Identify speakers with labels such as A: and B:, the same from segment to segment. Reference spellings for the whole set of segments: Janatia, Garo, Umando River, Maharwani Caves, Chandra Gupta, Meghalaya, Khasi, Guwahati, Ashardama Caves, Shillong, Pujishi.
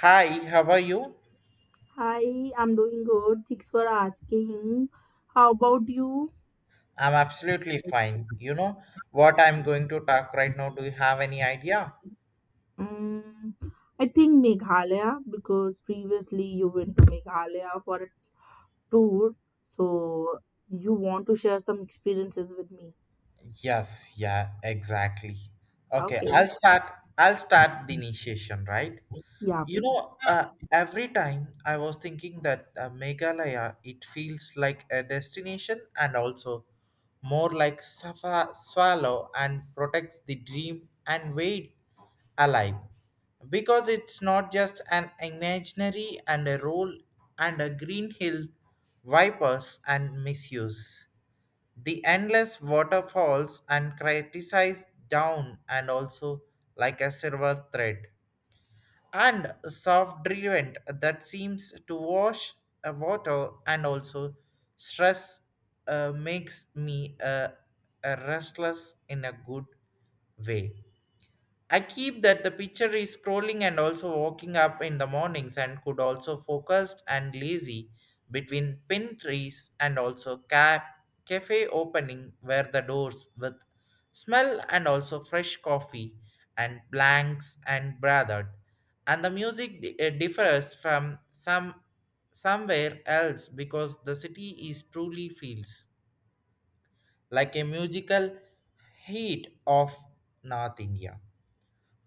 A: Hi, how are you?
B: Hi, I'm doing good. Thanks for asking. How about you?
A: I'm absolutely fine. You know what I'm going to talk right now? Do you have any idea?
B: Mm, I think Meghalaya because previously you went to Meghalaya for a tour. So you want to share some experiences with me.
A: Yes, yeah, exactly. Okay,
B: Okay.
A: I'll start the initiation, right?
B: Yeah,
A: You
B: please.
A: know, uh, every time I was thinking that Meghalaya, it feels like a destination and also more like swallow and protects the dream and wait alive. Because it's not just an imaginary and a role and a green hill vipers and misuse. The endless waterfalls and criticize down and also like a silver thread and soft driven that seems to wash water and also stress makes me restless in a good way. I keep that the picture is scrolling and also walking up in the mornings and could also focused and lazy between pin trees and also cafe opening where the doors with smell and also fresh coffee and blanks and brathered and the music differs from somewhere else because the city is truly feels like a musical heat of North India.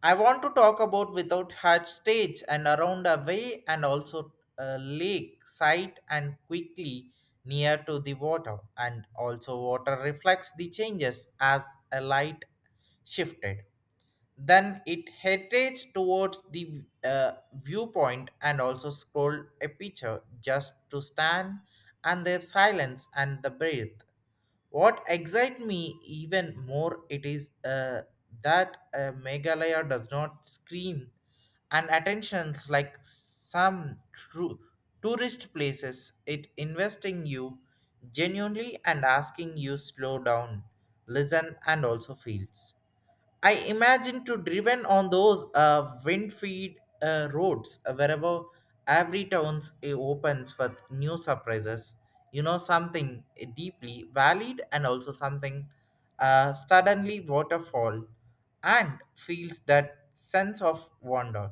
A: I want to talk about without hatch stage and around away and also a lake site and quickly near to the water and also water reflects the changes as a light shifted. Then it headed towards the viewpoint and also scrolled a picture just to stand and their silence and the breath. What excites me even more it is that Meghalaya does not scream and attentions like some true tourist places. It investing you genuinely and asking you slow down, listen and also feels. I imagine to driven on those wind-feed roads wherever every town's opens with new surprises. You know something deeply valid and also something suddenly waterfall and feels that sense of wonder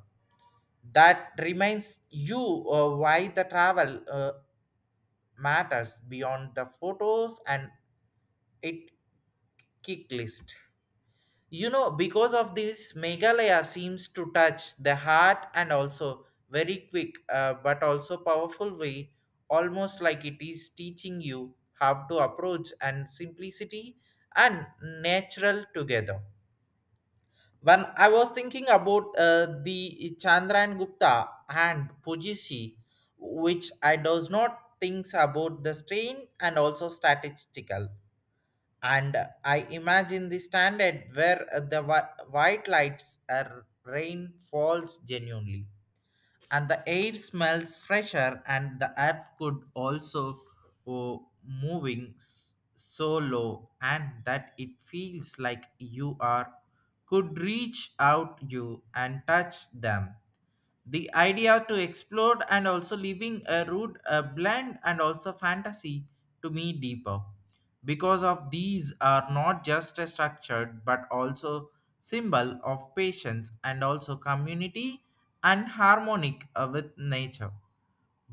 A: that reminds you why the travel matters beyond the photos and it kick list. Because of this, Meghalaya seems to touch the heart and also very quick, but also powerful way, almost like it is teaching you how to approach and simplicity and natural together. When I was thinking about the Chandra and Gupta and Pujishi, which I does not thinks about the strain and also statistical and I imagine the standard where the white lights are rain falls genuinely, and the air smells fresher, and the earth could also oh, moving so low, and that it feels like you are could reach out you and touch them the idea to explore and also leaving a rude, a blend and also fantasy to me deeper because of these are not just a structured but also symbol of patience and also community and harmonic with nature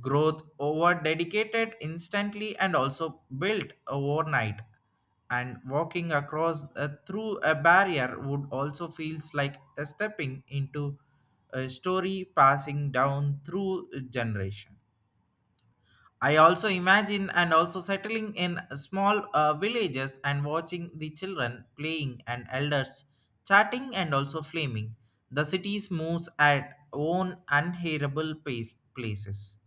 A: growth over dedicated instantly and also built overnight and walking across through a barrier would also feels like a stepping into a story passing down through generation. I also imagine and also settling in small villages and watching the children playing and elders chatting and also flaming. The cities moves at own unhearable places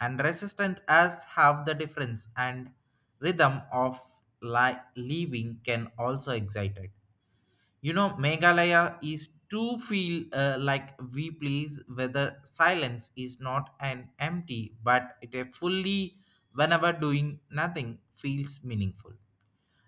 A: and resistant as have the difference and rhythm of living can also excited. Meghalaya is to feel like we please whether silence is not an empty, but it a fully whenever doing nothing feels meaningful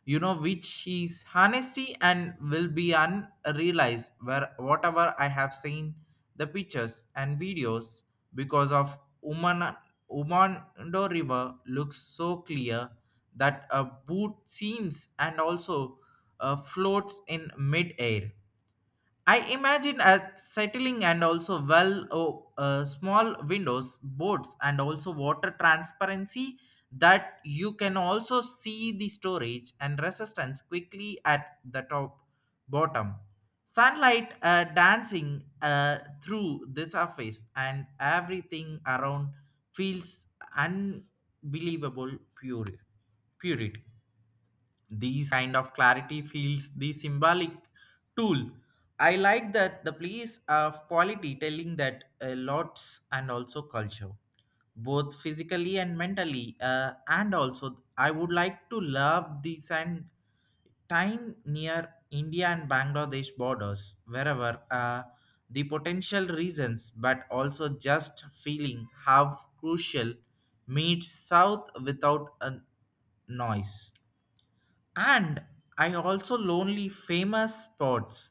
A: which is honesty and will be unrealized where whatever I have seen the pictures and videos because of Uman, Umando River looks so clear that a boot seems and also floats in mid-air. I imagine a settling and also well oh, small windows, boards, and also water transparency that you can also see the storage and resistance quickly at the top bottom. Sunlight dancing through the surface and everything around feels unbelievable pure purity. These kind of clarity feels the symbolic tool. I like that the place of quality telling that lots and also culture, both physically and mentally, and also I would like to love these and time near India and Bangladesh borders, wherever the potential reasons, but also just feeling how crucial meets South without a noise. And I also lonely famous spots.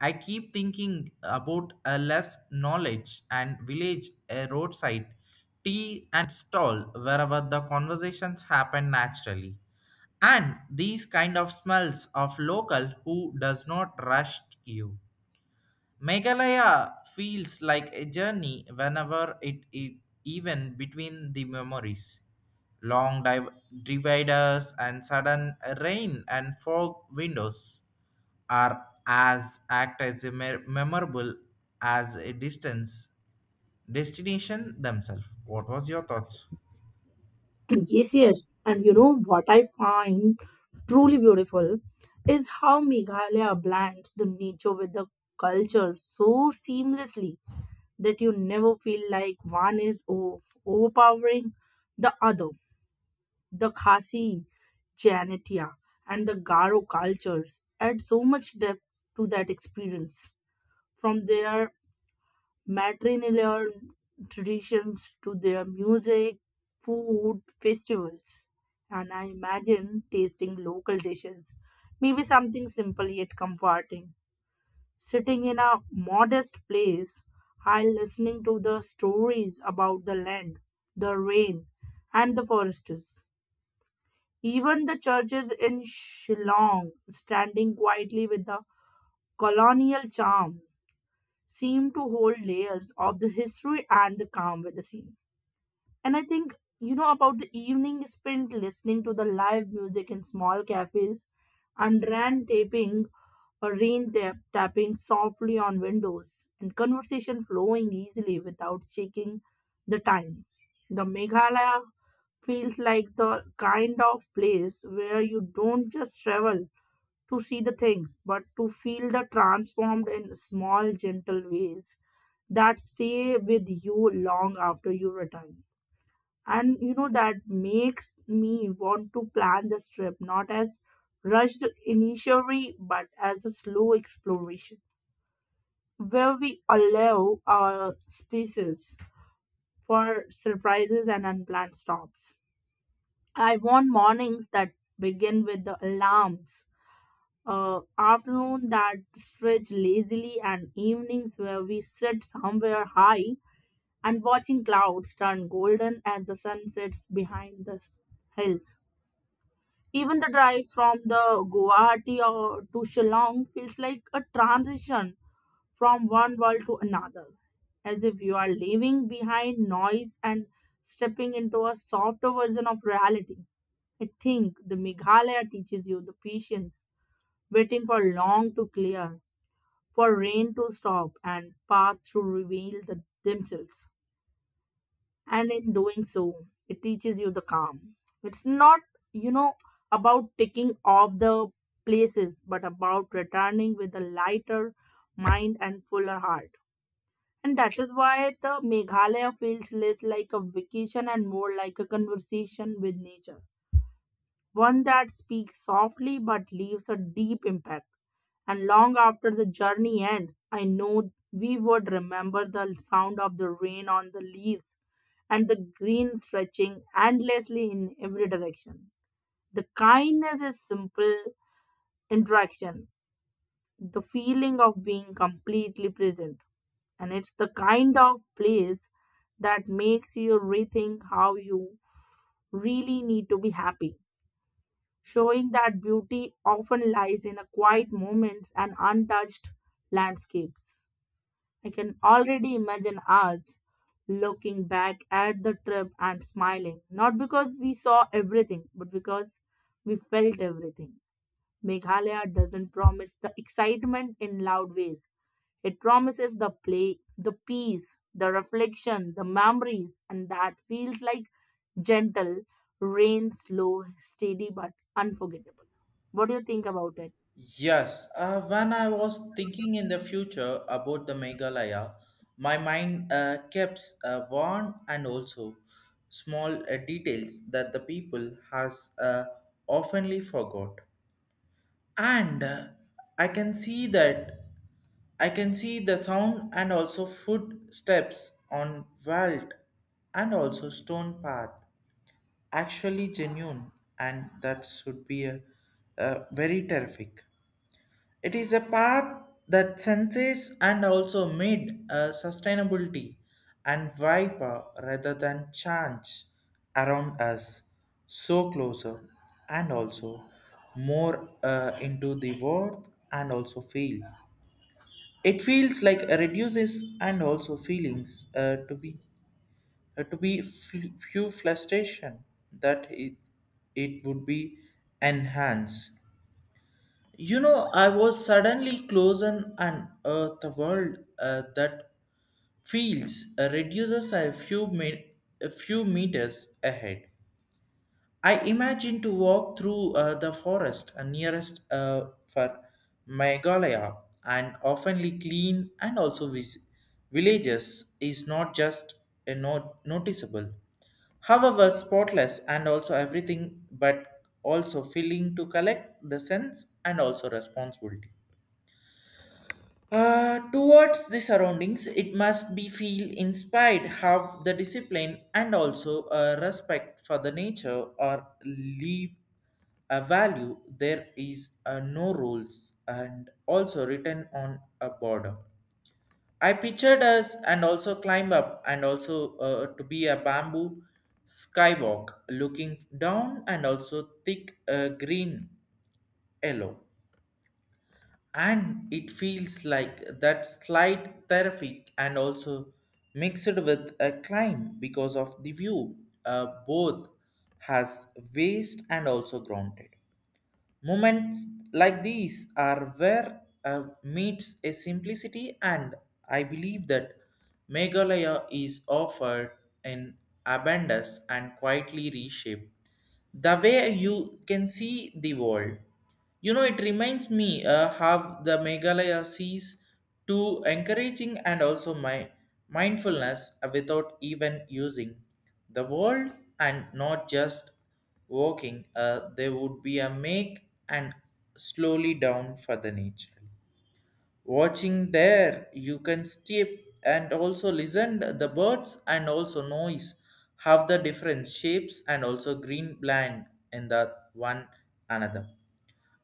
A: I keep thinking about a less knowledge and village a roadside tea and stall wherever the conversations happen naturally. And these kind of smells of local who does not rush you. Meghalaya feels like a journey whenever it even between the memories. Long dividers and sudden rain and fog windows are as act as a memorable as a distance destination themselves. What was your thoughts?
B: Yes, yes. And you know what I find truly beautiful is how Meghalaya blends the nature with the culture so seamlessly, that you never feel like one is overpowering the other. The Khasi, Janatia, and the Garo cultures add so much depth to that experience. From their matrilineal traditions to their music, food, festivals. And I imagine tasting local dishes, maybe something simple yet comforting. Sitting in a modest place while listening to the stories about the land, the rain, and the foresters. Even the churches in Shillong, standing quietly with the colonial charm, seem to hold layers of the history and the calm with the scene. And I think, you know, about the evening spent listening to the live music in small cafes and ran taping or tapping softly on windows and conversation flowing easily without checking the time. The Meghalaya feels like the kind of place where you don't just travel to see the things, but to feel the transformed in small, gentle ways that stay with you long after you return. And you know that makes me want to plan this trip not as rushed initially but as a slow exploration where we allow our spaces for surprises and unplanned stops. I want mornings that begin with the alarms, afternoon that stretch lazily and evenings where we sit somewhere high and watching clouds turn golden as the sun sets behind the hills. Even the drive from the Guwahati or to Shillong feels like a transition from one world to another, as if you are leaving behind noise and stepping into a softer version of reality. I think the Meghalaya teaches you the patience, waiting for long to clear, for rain to stop, and paths to reveal themselves, and in doing so it teaches you the calm. It's not, you know, about ticking off the places but about returning with a lighter mind and fuller heart. And that is why the Meghalaya feels less like a vacation and more like a conversation with nature, one that speaks softly but leaves a deep impact. And long after the journey ends, I know we would remember the sound of the rain on the leaves and the green stretching endlessly in every direction. The kindness is simple interaction, the feeling of being completely present. And it's the kind of place that makes you rethink how you really need to be happy, showing that beauty often lies in a quiet moments and untouched landscapes. I can already imagine us looking back at the trip and smiling, not because we saw everything, but because we felt everything. Meghalaya doesn't promise the excitement in loud ways. It promises the play, the peace, the reflection, the memories, and that feels like gentle, rain slow, steady, but unforgettable. What do you think about it?
A: Yes, when I was thinking in the future about the Meghalaya, my mind kept warm and also small details that the people has oftenly forgot. And I can see that I can see the sound and also footsteps on vault and also stone path actually genuine and that should be a very terrific. It is a path that senses and also made sustainability and viper rather than change around us so closer and also more into the world and also feel. It feels like a reduces and also feelings to be few frustration that it would be enhanced. I was suddenly close and unearthed the world that feels reduces a few meters ahead. I imagine to walk through the forest nearest for Meghalaya and oftenly clean and also villages is not just not noticeable. However, spotless and also everything, but also feeling to collect the sense and also responsibility. Towards the surroundings, it must be feel inspired, have the discipline, and also a respect for the nature or leave a value. There is no rules and also written on a border. I pictured us and also climb up and also to be a bamboo skywalk, looking down and also thick green yellow and it feels like that slight therapy and also mixed with a climb because of the view both has waste and also grounded. Moments like these are where meets a simplicity, and I believe that Meghalaya is offered in abundance and quietly reshaped. The way you can see the world. It reminds me how the Meghalaya sees to encouraging and also my mindfulness without even using the world and not just walking, there would be a make and slowly down for the nature. Watching there, you can step and also listen the birds and also noise have the different shapes and also green land in the one another.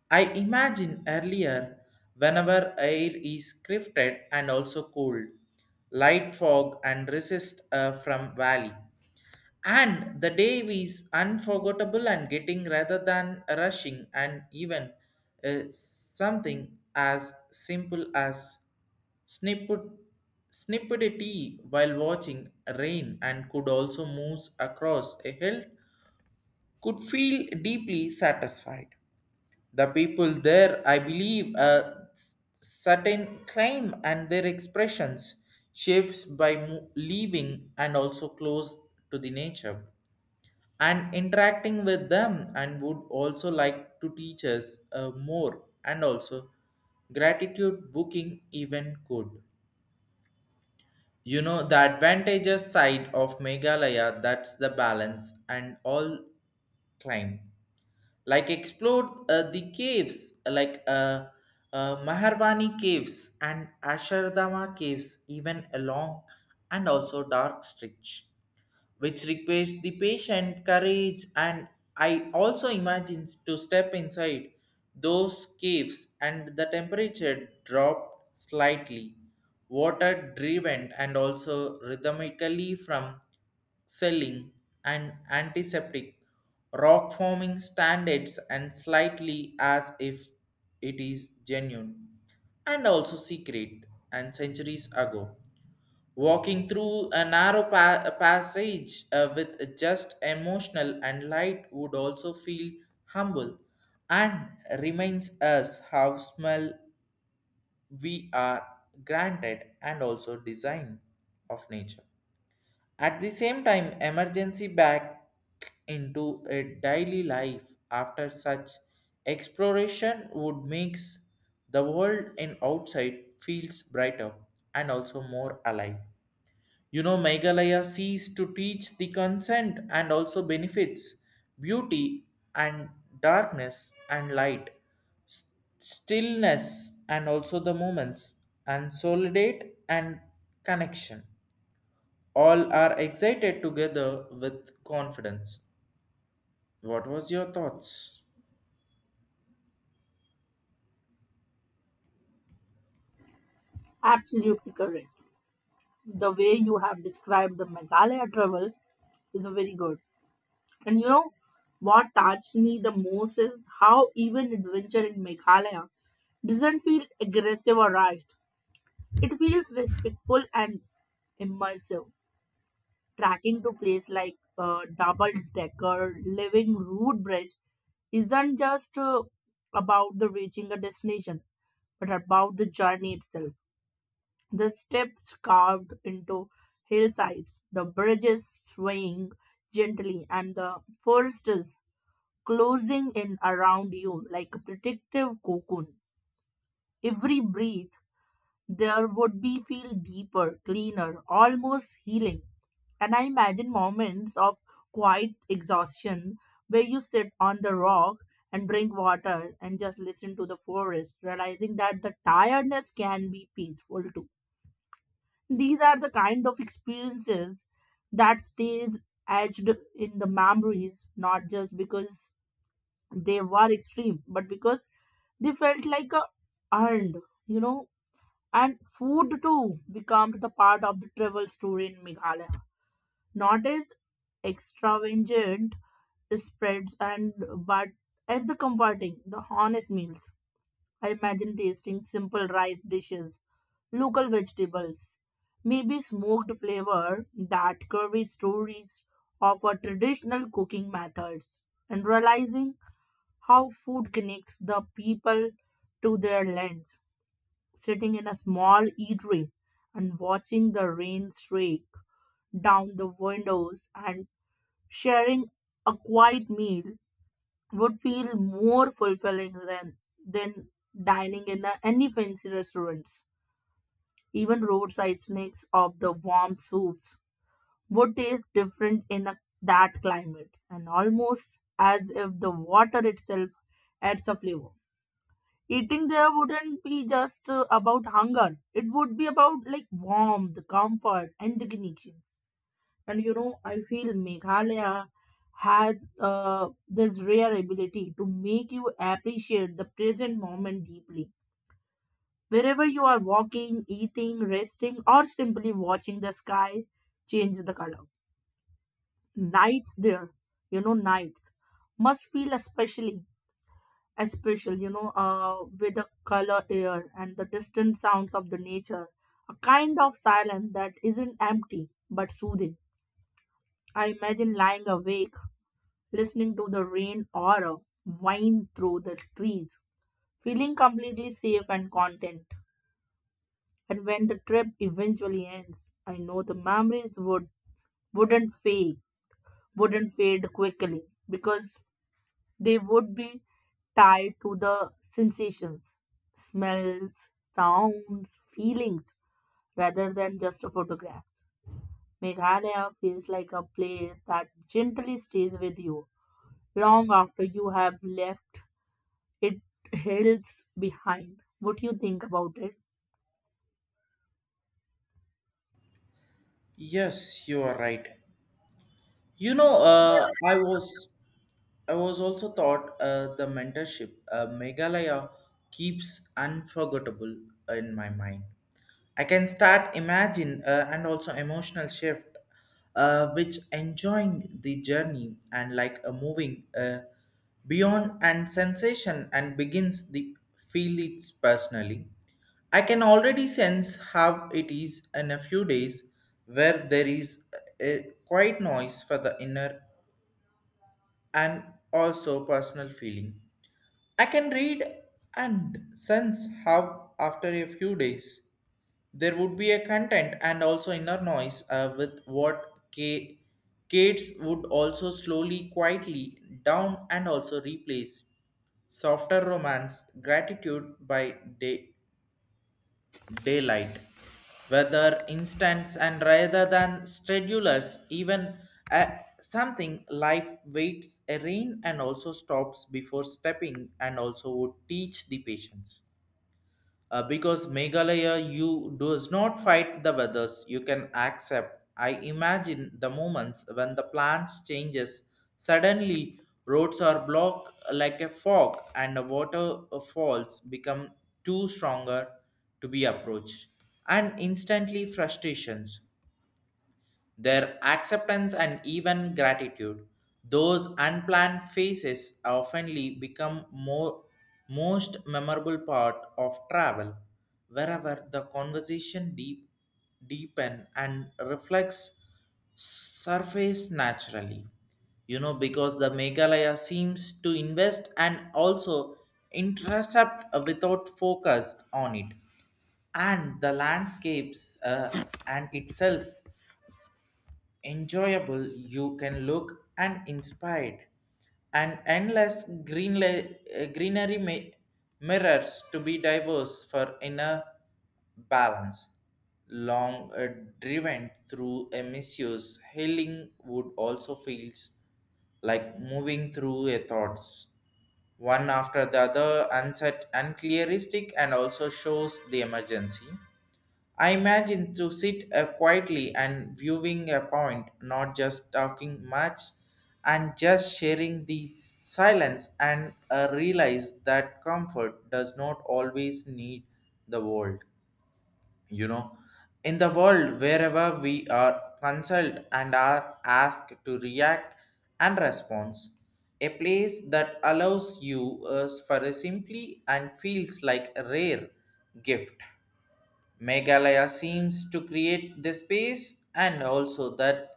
A: I imagine earlier whenever air is crifted and also cold, light fog and resist from valley. And the day is unforgettable and getting rather than rushing, and even something as simple as snippet, snippet a tea while watching rain and could also move across a hill could feel deeply satisfied. The people there, I believe, a certain claim and their expressions shapes by leaving and also close to the nature and interacting with them and would also like to teach us more and also gratitude booking even could. The advantageous side of meghalaya that's the balance and all climb like explore the caves like maharwani caves and ashardama caves even along and also dark stretch which requires the patient courage. And I also imagine to step inside those caves and the temperature dropped slightly, water driven and also rhythmically from selling and antiseptic rock forming standards and slightly as if it is genuine and also secret and centuries ago walking through a narrow passage with just emotional and light would also feel humble and reminds us how small we are granted and also design of nature at the same time emergency back into a daily life after such exploration would makes the world in outside feels brighter and also more alive. Meghalaya sees to teach the consent and also benefits, beauty and darkness and light, s- stillness and also the moments, and solidate and connection. All are excited together with confidence. What was your thoughts?
B: Absolutely correct. The way you have described the Meghalaya travel is very good. And you know what touched me the most is how even adventure in Meghalaya doesn't feel aggressive or rushed. It feels respectful and immersive. Tracking to place like a double decker living root bridge isn't just about the reaching a destination, but about the journey itself. The steps carved into hillsides, the bridges swaying gently, and the foresters closing in around you like a protective cocoon. Every breath there would be feel deeper, cleaner, almost healing. And I imagine moments of quiet exhaustion where you sit on the rock and drink water and just listen to the forest, realizing that the tiredness can be peaceful too. These are the kind of experiences that stays etched in the memories, not just because they were extreme, but because they felt like a earned, you know, and food too becomes the part of the travel story in Meghalaya. Not as extravagant spreads and but as the comforting, the honest meals. I imagine tasting simple rice dishes, local vegetables, maybe smoked flavor that curvy stories of our traditional cooking methods, and realizing how food connects the people to their lands, sitting in a small eatery and watching the rain streak down the windows and sharing a quiet meal would feel more fulfilling than dining in a, any fancy restaurants. Even roadside snacks of the warm soups would taste different in a, that climate and almost as if the water itself adds a flavor. Eating there wouldn't be just about hunger. It would be about like warmth, comfort, and the connection. And you know, I feel Meghalaya has this rare ability to make you appreciate the present moment deeply. Wherever you are walking, eating, resting, or simply watching the sky change the color. Nights there, you know, nights must feel especially, especially, you know, with the color air and the distant sounds of the nature, a kind of silence that isn't empty but soothing. I imagine lying awake listening to the rain or a wind through the trees, feeling completely safe and content. And when the trip eventually ends, I know the memories wouldn't fade quickly because they would be tied to the sensations, smells, sounds, feelings, rather than just a photograph. Meghalaya feels like a place that gently stays with you long after you have left it hills behind. What do you think about it?
A: Yes, you are right. You know, uh, I was I was also taught the mentorship. Meghalaya keeps unforgettable in my mind. I can start imagine and also emotional shift, which enjoying the journey and like a moving beyond and sensation and begins the feel it personally. I can already sense how it is in a few days where there is a quiet noise for the inner and also personal feeling. I can read and sense how, after a few days, there would be a content and also inner noise with what K- Kates would also slowly, quietly down and also replace softer romance, gratitude by day daylight weather, instants and rather than schedulers even something life waits a rain and also stops before stepping and also would teach the patience because Meghalaya you does not fight the weathers you can accept. I imagine the moments when the plans changes suddenly, roads are blocked like a fog and the water falls become too stronger to be approached and instantly frustrations their acceptance and even gratitude. Those unplanned phases oftenly become more most memorable part of travel, wherever the conversation deepen and reflects surface naturally. You know, because the Meghalaya seems to invest and also intercept without focus on it, and the landscapes, and itself enjoyable you can look and inspired and endless green greenery mirrors to be diverse for inner balance. Long driven through a misuse healing wood also feels like moving through a thoughts one after the other unset unclearistic and also shows the emergency. I imagine to sit quietly and viewing a point, not just talking much, and just sharing the silence, and realize that comfort does not always need the world. You know, in the world, wherever we are consulted and are asked to react and respond, a place that allows you for a simply and feels like a rare gift. Meghalaya seems to create the space and also that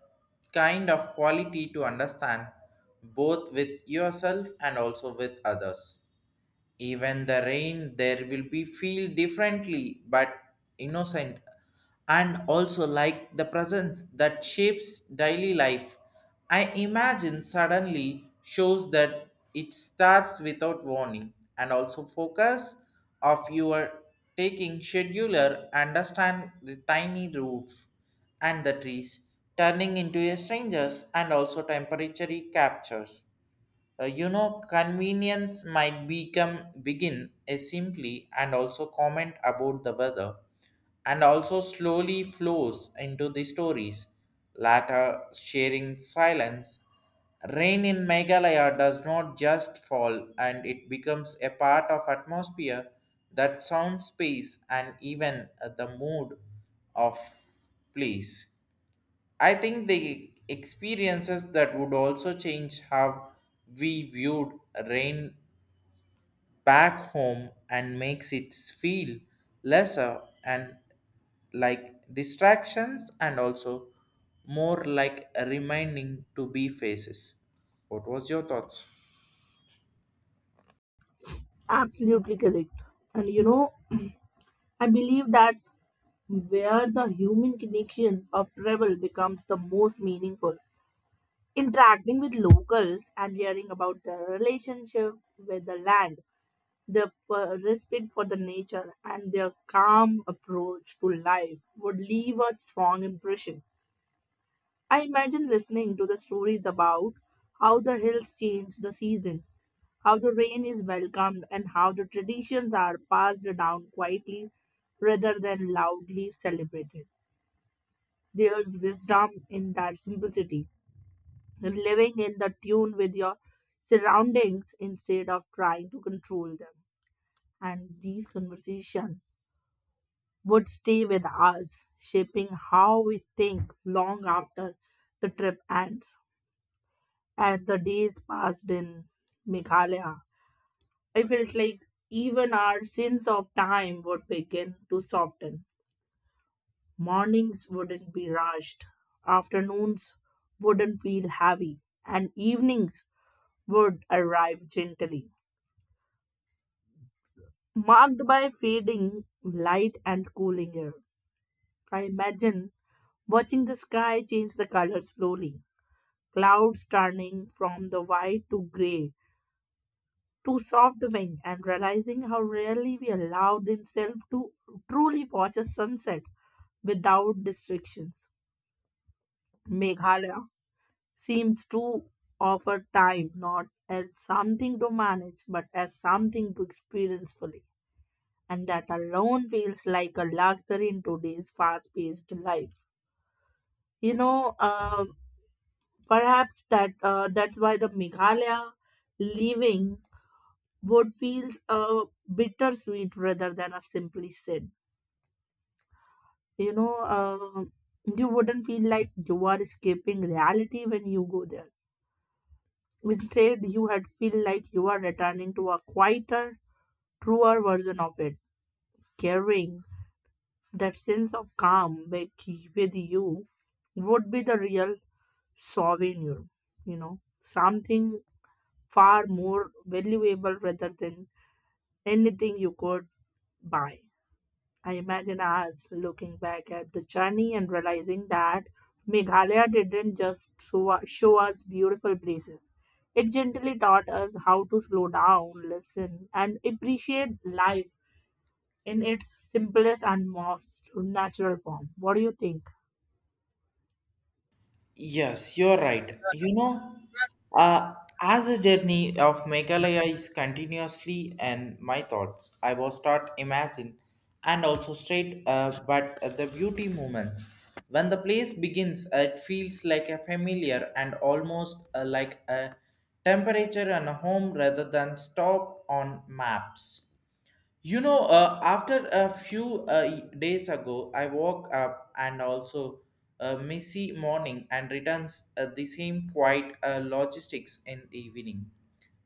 A: kind of quality to understand both with yourself and also with others. Even the rain there will be feel differently but innocent and also like the presence that shapes daily life. I imagine suddenly shows that it starts without warning and also focus of your taking scheduler understand the tiny roof and the trees turning into a strangers and also temporary captures. You know, convenience might become begin a simply and also comment about the weather, and also slowly flows into the stories. Latter sharing silence. Rain in Meghalaya does not just fall, and it becomes a part of atmosphere that sound space and even the mood of place. I think the experiences that would also change how we viewed rain back home and makes it feel lesser and like distractions and also more like a reminding to be faces. What was your thoughts?
B: Absolutely correct. And you know, I believe that's where the human connections of travel becomes the most meaningful, interacting with locals and hearing about their relationship with the land, their respect for the nature, and their calm approach to life would leave a strong impression. I imagine listening to the stories about how the hills change the season, how the rain is welcomed, and how the traditions are passed down quietly rather than loudly celebrated. There's wisdom in that simplicity, living in the tune with your surroundings instead of trying to control them. And these conversations would stay with us, shaping how we think long after the trip ends. As the days passed in Meghalaya, I felt like even our sense of time would begin to soften. Mornings wouldn't be rushed, afternoons wouldn't feel heavy, and evenings would arrive gently, marked by fading light and cooling air. I imagine watching the sky change the color slowly, clouds turning from the white to gray to soft pink, and realizing how rarely we allow themselves to truly watch a sunset without distractions. Meghalaya seems to offer time not as something to manage but as something to experience fully, and that alone feels like a luxury in today's fast-paced life. You know, perhaps that's why the Meghalaya leaving would feels bittersweet rather than a simply sad. You know, you wouldn't feel like you are escaping reality when you go there. Instead, you had feel like you are returning to a quieter, truer version of it, caring. That sense of calm with you would be the real souvenir, you know, something far more valuable rather than anything you could buy. I imagine us looking back at the journey and realizing that Meghalaya didn't just show us beautiful places. It gently taught us how to slow down, listen, and appreciate life in its simplest and most natural form. What do you think?
A: Yes, you're right. You know, uh, as a journey of Meghalaya is continuously and my thoughts, I will start imagine and also straight, but the beauty moments. When the place begins, it feels like a familiar and almost like a temperature and a home rather than stop on maps. You know, after a few days ago, I woke up and also a messy morning and returns the same quiet logistics in the evening.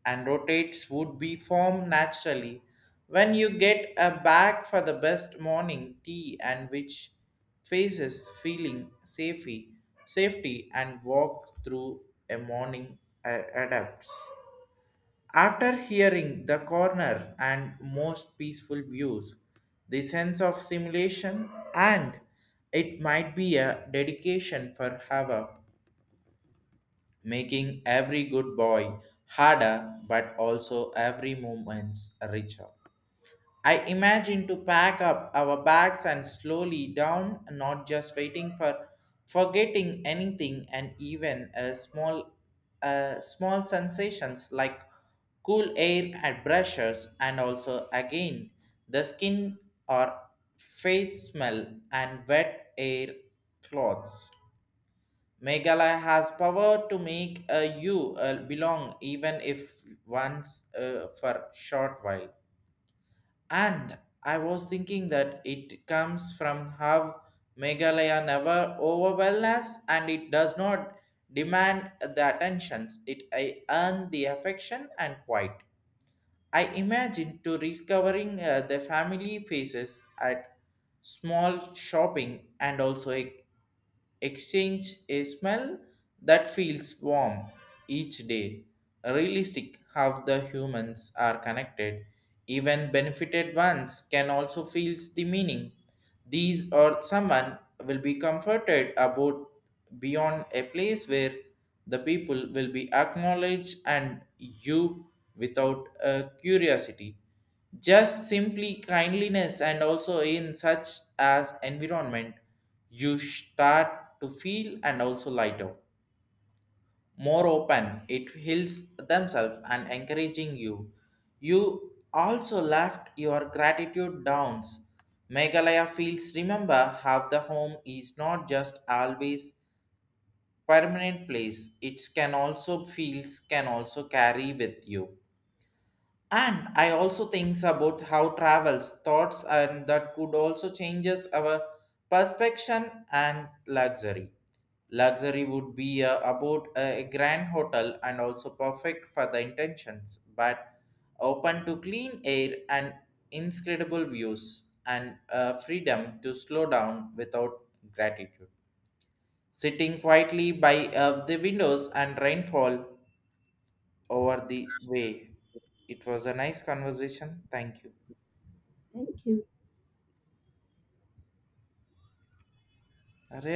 A: And rotates would be formed naturally when you get a bag for the best morning tea, and which faces feeling safety and walks through a morning adapts. After hearing the corner and most peaceful views, the sense of simulation and it might be a dedication for Hava, making every good boy harder but also every moment richer. I imagine to pack up our bags and slowly down, not just waiting for forgetting anything, and even a small sensations like cool air and brushes, and also again the skin or faint smell and wet air clothes. Meghalaya has power to make you belong, even if once for short while. And I was thinking that it comes from how Meghalaya never overwhelms us, and it does not demand the attentions. It I earn the affection and quiet. I imagine to discovering the family faces at small shopping, and also a exchange a smell that feels warm each day. Realistic how the humans are connected. Even benefited ones can also feel the meaning. These or someone will be comforted about beyond a place where the people will be acknowledged and you without a curiosity, just simply kindliness. And also in such as environment, you start to feel and also lighter, more open. It heals themselves and encouraging you, you also left your gratitude downs. Meghalaya feels remember how the home is not just always permanent place, it can also feels, can also carry with you. And I also thinks about how travels, thoughts, and that could also changes our perception and luxury. Luxury would be about a grand hotel and also perfect for the intentions, but open to clean air and incredible views and freedom to slow down without gratitude. Sitting quietly by the windows and rainfall over the way. It was a nice conversation. Thank you.
B: Thank you.
A: Arre